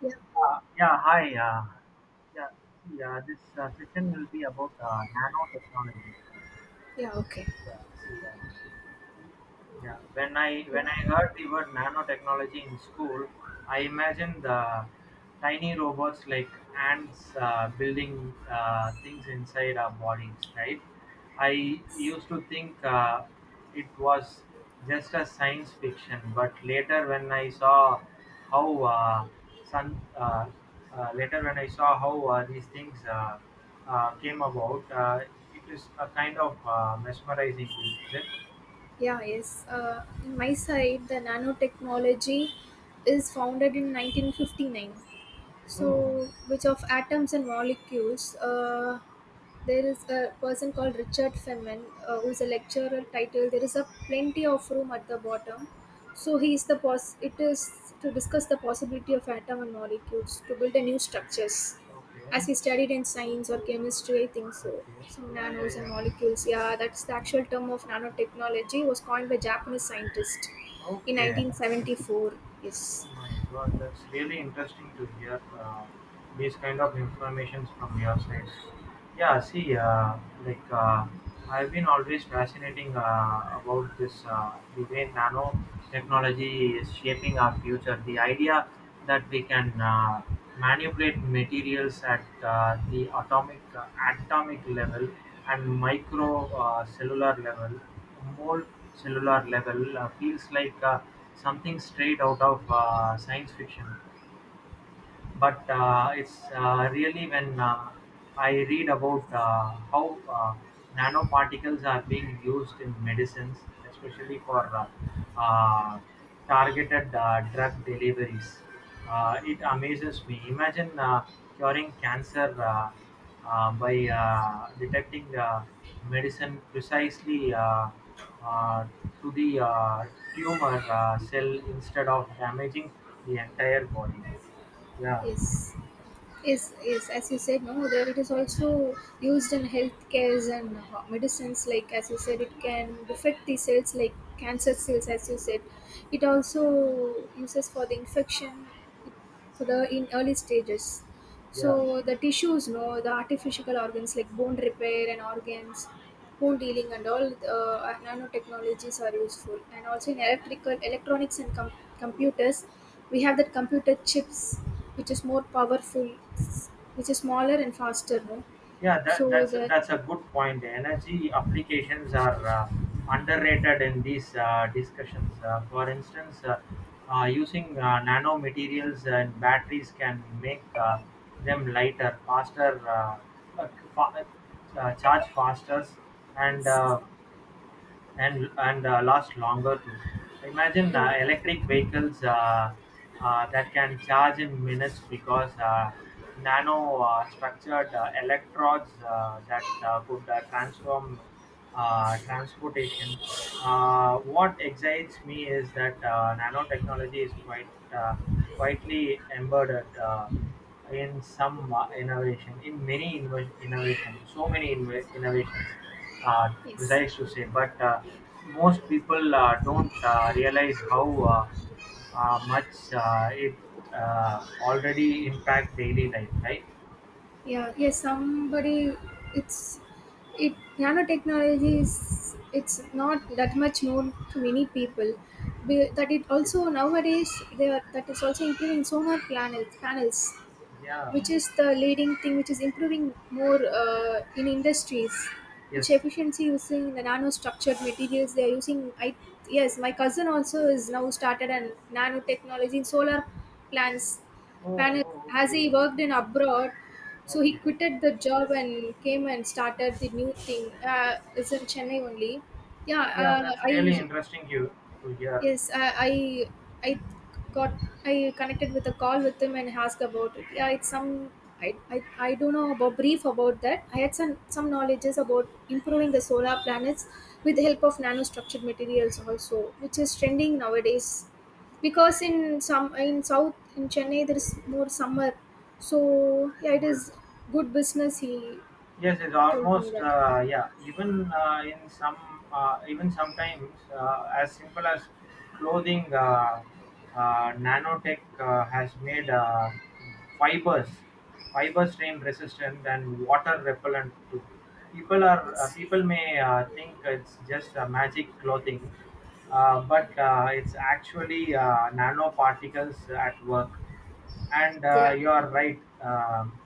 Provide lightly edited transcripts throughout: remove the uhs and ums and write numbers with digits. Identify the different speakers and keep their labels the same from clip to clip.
Speaker 1: Yeah,
Speaker 2: Yeah, hi. Yeah, see, this session will be about nanotechnology.
Speaker 1: yeah, okay.
Speaker 2: Yeah, see, uh, yeah, when I
Speaker 1: Yeah,
Speaker 2: when I heard the word nanotechnology in school, I imagined the tiny robots like ants building things inside our bodies. Right? I used to think it was just a science fiction, but later when I saw how sun later when I saw how these things came about. It is a kind of mesmerizing thing, is it?
Speaker 1: yeah, yes. In my side, the nanotechnology is founded in 1959.
Speaker 2: Oh.
Speaker 1: So, which of atoms and molecules? There is a person called Richard Feynman who is a lecturer. Title: "There is a plenty of room at the bottom." So he is the pos. It is to discuss the possibility of atom and molecules to build a new structures.
Speaker 2: Okay,
Speaker 1: As he studied in science or chemistry, I think so.
Speaker 2: okay.
Speaker 1: Some
Speaker 2: Yeah, yeah,
Speaker 1: nanos and
Speaker 2: yeah.
Speaker 1: molecules. Yeah, that's the actual term of nanotechnology was coined by Japanese scientist in
Speaker 2: Okay.
Speaker 1: 1974. Yes.
Speaker 2: Oh my God, that's really interesting to hear these kind of informations from your side. Yeah,
Speaker 1: Yeah.
Speaker 2: see, uh, like, I've been always fascinating about this, the way nanotechnology is shaping our future. The idea that we can manipulate materials at the atomic level and micro cellular level, mole cellular level feels like something straight out of science fiction. But it's really when I read about how nanoparticles are being used in medicines, especially for targeted drug deliveries. It amazes me. Imagine curing cancer by detecting medicine precisely uh, to the tumor cell instead of damaging the entire body. Yeah.
Speaker 1: Yes. Yes, as you said, no, there it is also used in healthcares and ho- medicines. Like as you said, it can affect the cells, like cancer cells. As you said, it also uses for the infection for the in early stages.
Speaker 2: Yeah,
Speaker 1: So the tissues, no, the artificial organs like bone repair and organs, bone dealing and all nanotechnologies are useful. And also in electrical, electronics and com- computers, we have that computer chips, which is more powerful, which is smaller and faster, no.
Speaker 2: yeah, that,
Speaker 1: So
Speaker 2: that's
Speaker 1: that
Speaker 2: that's a good point. Energy applications are underrated in these discussions. For instance, using nanomaterials and batteries can make them lighter, faster, uh, fa- charge faster, and
Speaker 1: yes,
Speaker 2: uh, and last longer too. Imagine
Speaker 1: yeah,
Speaker 2: electric vehicles that can charge in minutes because nano structured electrodes that could transform transportation. What excites me is that nanotechnology is quite uh, quietly embedded in some innovation, in many invo- innovation, so many inv- innovations uh,
Speaker 1: yes.
Speaker 2: precise to say, but most people don't realize how much it already impact daily life, right?
Speaker 1: Yeah, yes, somebody, it's, it nanotechnology is, it's not that much known to many people. Be- that it
Speaker 2: Yes.
Speaker 1: also nowadays they are, that is also including solar panels
Speaker 2: Yeah.
Speaker 1: which is the leading thing which is improving more in industries which
Speaker 2: Yes.
Speaker 1: efficiency using the nano structured materials they are using i. Yes, my cousin also is now started a nanotechnology in solar plants
Speaker 2: Oh, oh,
Speaker 1: panels as
Speaker 2: okay.
Speaker 1: he worked in abroad, so he
Speaker 2: Okay.
Speaker 1: quitted the job and came and started the new thing. It's in Chennai only. Yeah,
Speaker 2: Yeah, that's
Speaker 1: i.
Speaker 2: really interesting you to hear.
Speaker 1: Yes, I got, I connected with a call with him and asked about it. Yeah, it's some. I don't know about brief about that. I had some knowledges about improving the solar planets with the help of nanostructured materials also, which is trending nowadays. Because in some in south in Chennai there is more summer, so yeah, it
Speaker 2: Yes.
Speaker 1: is good business. He
Speaker 2: Yes, it's
Speaker 1: told me
Speaker 2: almost
Speaker 1: that.
Speaker 2: yeah. Even in some, even sometimes as simple as clothing, nanotech has made fibers, fiber strain resistant and water repellent too.
Speaker 1: Yes.
Speaker 2: People may think it's just a magic clothing, but it's actually nanoparticles at work. And
Speaker 1: Yeah.
Speaker 2: you are right. Um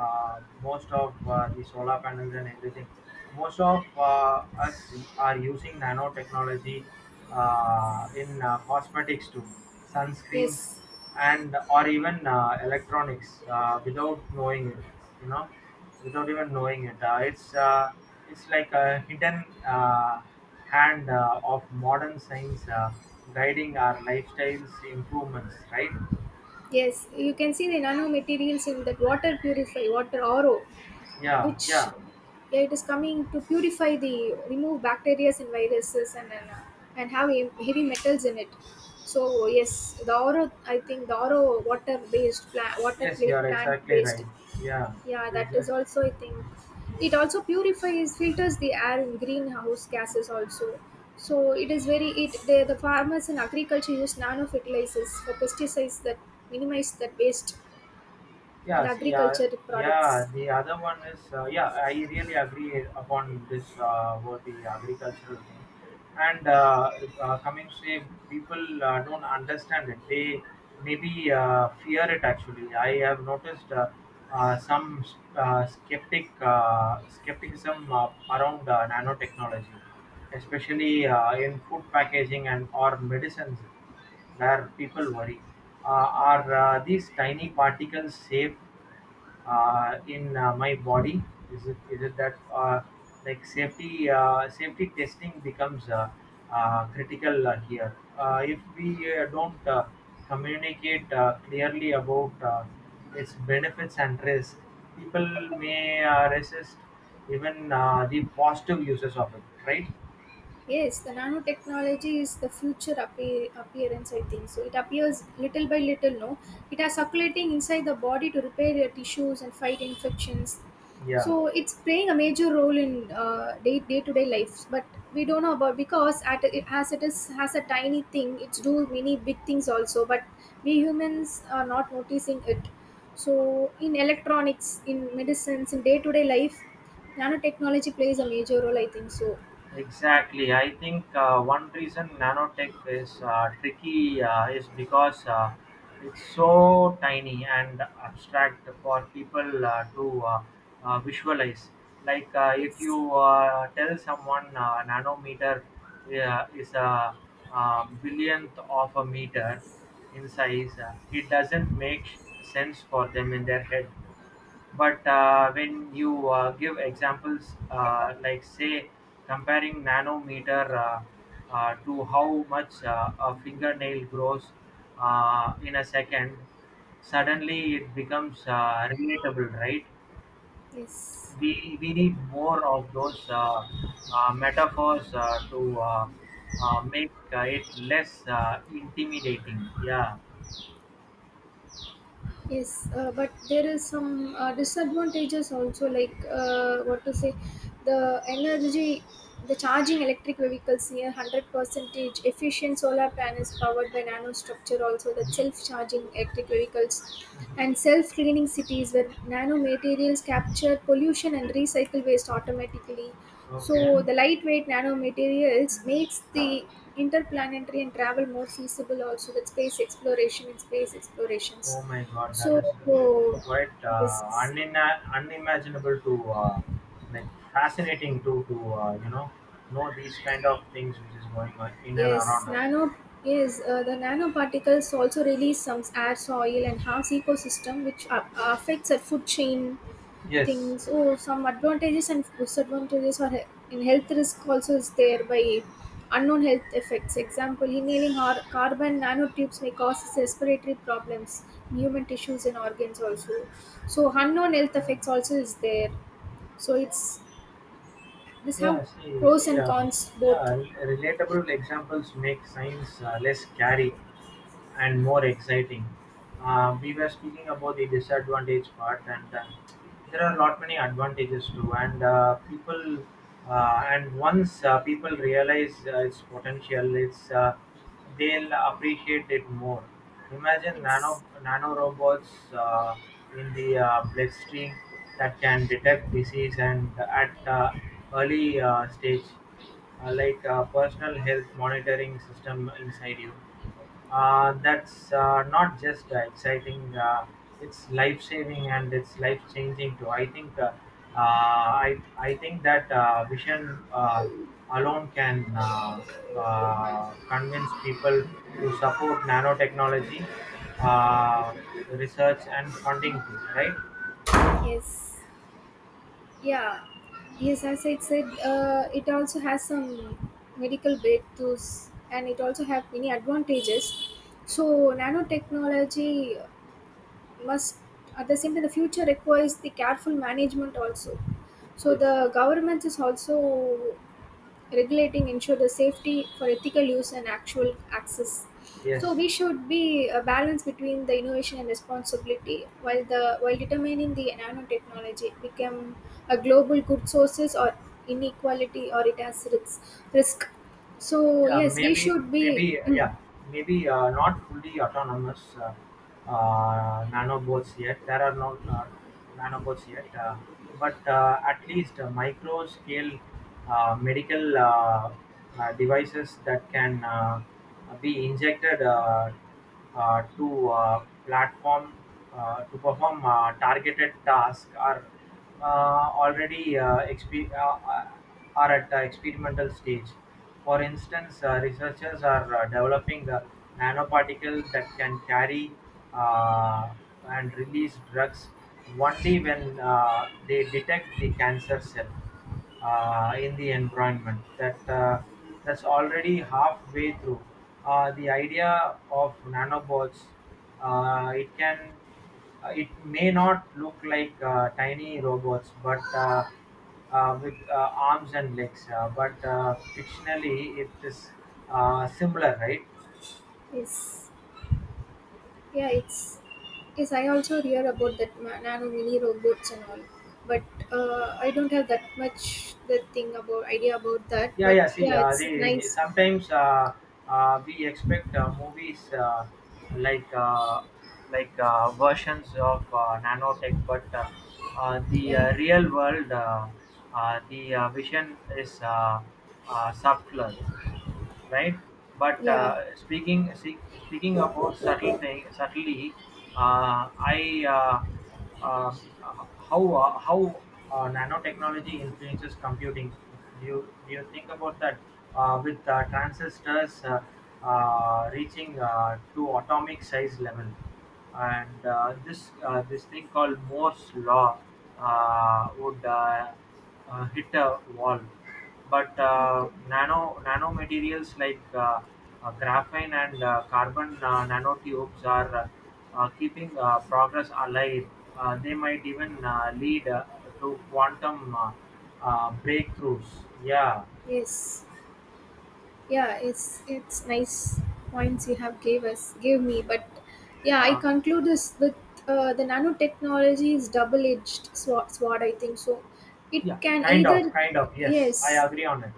Speaker 2: uh, Most of the solar panels and everything, most of us are using nanotechnology in cosmetics too, sunscreens,
Speaker 1: Yes.
Speaker 2: and or even electronics without knowing it. You know, without even knowing it, it's like a hidden hand of modern science guiding our lifestyles improvements, right?
Speaker 1: Yes, you can see the nanomaterials in that water purify, water RO,
Speaker 2: Yeah,
Speaker 1: which
Speaker 2: yeah.
Speaker 1: yeah, it is coming to purify the remove bacteria and viruses and and and have he- heavy metals in it. So yes, the RO I think the RO water based plant water
Speaker 2: Yes, you
Speaker 1: plate
Speaker 2: are
Speaker 1: plant
Speaker 2: exactly
Speaker 1: based,
Speaker 2: right. Yeah,
Speaker 1: yeah,
Speaker 2: it
Speaker 1: that is
Speaker 2: just
Speaker 1: also, I think. It also purifies, filters the air in greenhouse gases also. So it is very, the farmers in agriculture use nano fertilizers for pesticides that minimize that waste in
Speaker 2: yeah.
Speaker 1: the
Speaker 2: See, yeah,
Speaker 1: agriculture
Speaker 2: yeah.
Speaker 1: products.
Speaker 2: The other one is yeah. I really agree upon this, about the agricultural thing, and coming to say people don't understand it. They maybe fear it. Actually, I have noticed some skepticism around nanotechnology, especially in food packaging and or medicines where people worry, are these tiny particles safe in my body, is it that like safety testing becomes critical here. If we don't communicate clearly about its benefits and risks, people may resist even the positive uses of it, right?
Speaker 1: Yes, the nanotechnology is the future appear, appearance, I think. So it appears little by little, no? It are circulating inside the body to repair your tissues and fight infections.
Speaker 2: Yeah.
Speaker 1: So it's playing a major role in day day to day life, but we don't know about because at, as it is has a tiny thing, it's do many big things also. But we humans are not noticing it. So in electronics, in medicines, in day to day life, nanotechnology plays a major role. I think so.
Speaker 2: Exactly. I think one reason nanotech is tricky is because it's so tiny and abstract for people to visualize. Like, if
Speaker 1: Yes.
Speaker 2: you tell someone nanometer is a, billionth of a meter in size, it doesn't make sense for them in their head. But when you give examples, like say comparing nanometer to how much a fingernail grows in a second, suddenly it becomes relatable, right?
Speaker 1: Yes.
Speaker 2: We need more of those metaphors to make it less intimidating. Yeah.
Speaker 1: Yes, but there is some disadvantages also, like what to say, the energy, the charging electric vehicles near 100 percentage efficient solar panels powered by nanostructure, also the
Speaker 2: Mhm,
Speaker 1: self-charging electric vehicles, and
Speaker 2: mhm.
Speaker 1: self-cleaning cities where nanomaterials capture pollution and recycle waste automatically.
Speaker 2: Okay.
Speaker 1: So the lightweight nanomaterials makes the interplanetary and travel more feasible also that space exploration and space
Speaker 2: Oh
Speaker 1: explorations
Speaker 2: my God, that
Speaker 1: so
Speaker 2: is like
Speaker 1: uh,
Speaker 2: quite
Speaker 1: this
Speaker 2: unimaginable to like, fascinating to you know these kind of things which is going on in and
Speaker 1: yes,
Speaker 2: around us.
Speaker 1: nano yes, the nanoparticles also release some air, soil, and harms ecosystem, which a- affects the food chain
Speaker 2: Yes.
Speaker 1: things. Oh, some advantages and disadvantages are he- in health risk also is there by unknown health effects. Example: inhaling har- carbon nanotubes may cause respiratory problems, in human tissues and organs also. So unknown health
Speaker 2: Yeah.
Speaker 1: effects also is there. So it's this
Speaker 2: Yeah.
Speaker 1: have
Speaker 2: See.
Speaker 1: pros
Speaker 2: See.
Speaker 1: and cons both.
Speaker 2: Relatable examples make science less scary and more exciting. We were speaking about the disadvantage part, and there are not many advantages too. And people, and once people realize its potential, it's they'll appreciate it more. Imagine
Speaker 1: Yes,
Speaker 2: nano robots in the bloodstream that can detect disease and at early stage, like a personal health monitoring system inside you. That's not just exciting, it's life saving and it's life changing too. I think that vision alone can convince people to support nanotechnology uh, research and funding too, right?
Speaker 1: yes, yeah, yes. As I said, it also has some medical breakthroughs, and it also have many advantages. So nanotechnology must, at the same time, the future requires the careful management also. So
Speaker 2: Yes.
Speaker 1: the government is also regulating ensure the safety for ethical use and actual access,
Speaker 2: Yes.
Speaker 1: so we should be a balance between the innovation and responsibility while the while determining the nanotechnology become a global good sources or inequality or it has risk. So
Speaker 2: Yeah,
Speaker 1: yes, we
Speaker 2: maybe,
Speaker 1: should be
Speaker 2: maybe, yeah, maybe not fully autonomous nanobots yet. There are no nanobots yet, but at least micro-scale medical devices that can be injected to platform to perform targeted tasks are already are at the experimental stage. For instance, researchers are developing a nanoparticle that can carry uh, and release drugs only when they detect the cancer cell in the environment. That's already halfway through. The idea of nanobots, it can it may not look like tiny robots, but with arms and legs. But fictionally, it is similar, right?
Speaker 1: yes. Yeah, it's yes. I also hear about that ma- nano mini robots and all, but I don't have that much the thing about idea about that.
Speaker 2: Yeah,
Speaker 1: But
Speaker 2: yeah. See,
Speaker 1: yeah, it's
Speaker 2: the
Speaker 1: nice.
Speaker 2: sometimes we expect movies like uh, like versions of nanotech, but the
Speaker 1: Yeah,
Speaker 2: real world, the vision is subtler. Right? But
Speaker 1: yeah.
Speaker 2: speaking about subtle thing, subtly, I how nanotechnology influences computing. Do you think about that with transistors reaching to atomic size level? And this thing called Moore's law would hit a wall. But
Speaker 1: Okay.
Speaker 2: nanomaterials like graphene and carbon nanotubes are keeping progress alive. They might even lead to quantum breakthroughs. Yeah,
Speaker 1: Yes. Yeah. It's nice points you have gave me.
Speaker 2: yeah,
Speaker 1: But yeah, I
Speaker 2: yeah,
Speaker 1: conclude this with the nanotechnology is double edged sword. I think so. It
Speaker 2: yeah.
Speaker 1: can
Speaker 2: Kind of,
Speaker 1: either
Speaker 2: kind of. Yes, I
Speaker 1: yes,
Speaker 2: agree on it.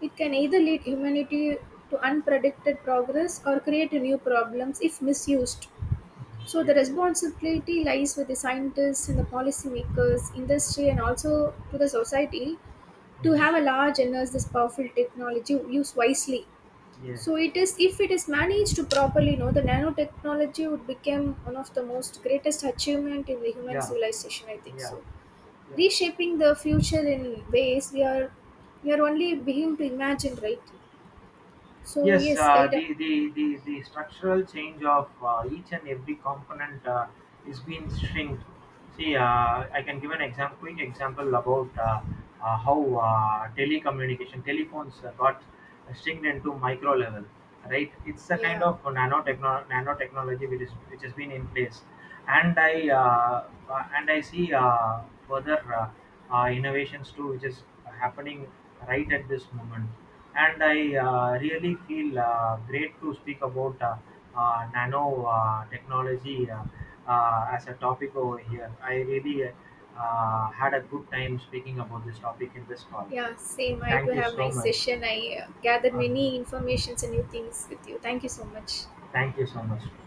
Speaker 1: it can either lead humanity to unpredicted progress or create new problems if misused.
Speaker 2: Mhm.
Speaker 1: So, the
Speaker 2: Yes.
Speaker 1: responsibility lies with the scientists and the policymakers, industry, and also to the society to
Speaker 2: Mhm.
Speaker 1: have a large and this powerful technology used wisely.
Speaker 2: Yes,
Speaker 1: So, it is if it is managed to properly, you know, the nanotechnology would become one of the most greatest achievement in the human
Speaker 2: yeah,
Speaker 1: civilization. I think
Speaker 2: yeah,
Speaker 1: so.
Speaker 2: yeah.
Speaker 1: Reshaping the future in ways we are only beginning to imagine, right? So
Speaker 2: Yes,
Speaker 1: yes, I do-
Speaker 2: the structural change of each and every component is being shrinked. See, I can give an example, quick example about how telecommunication, telephones got shrinked into micro level, right? It's a kind
Speaker 1: yeah.
Speaker 2: of nanotechnology which is, which has been in place. And I see further innovations too, which is happening right at this moment. And I really feel great to speak about nano technology as a topic over here. I really had a good time speaking about this topic in this call.
Speaker 1: Yeah, same. I too
Speaker 2: Thank you
Speaker 1: have
Speaker 2: so
Speaker 1: nice
Speaker 2: much.
Speaker 1: session. I gathered
Speaker 2: Uh,
Speaker 1: many informations and new things with you. Thank you so much.
Speaker 2: Thank you so much.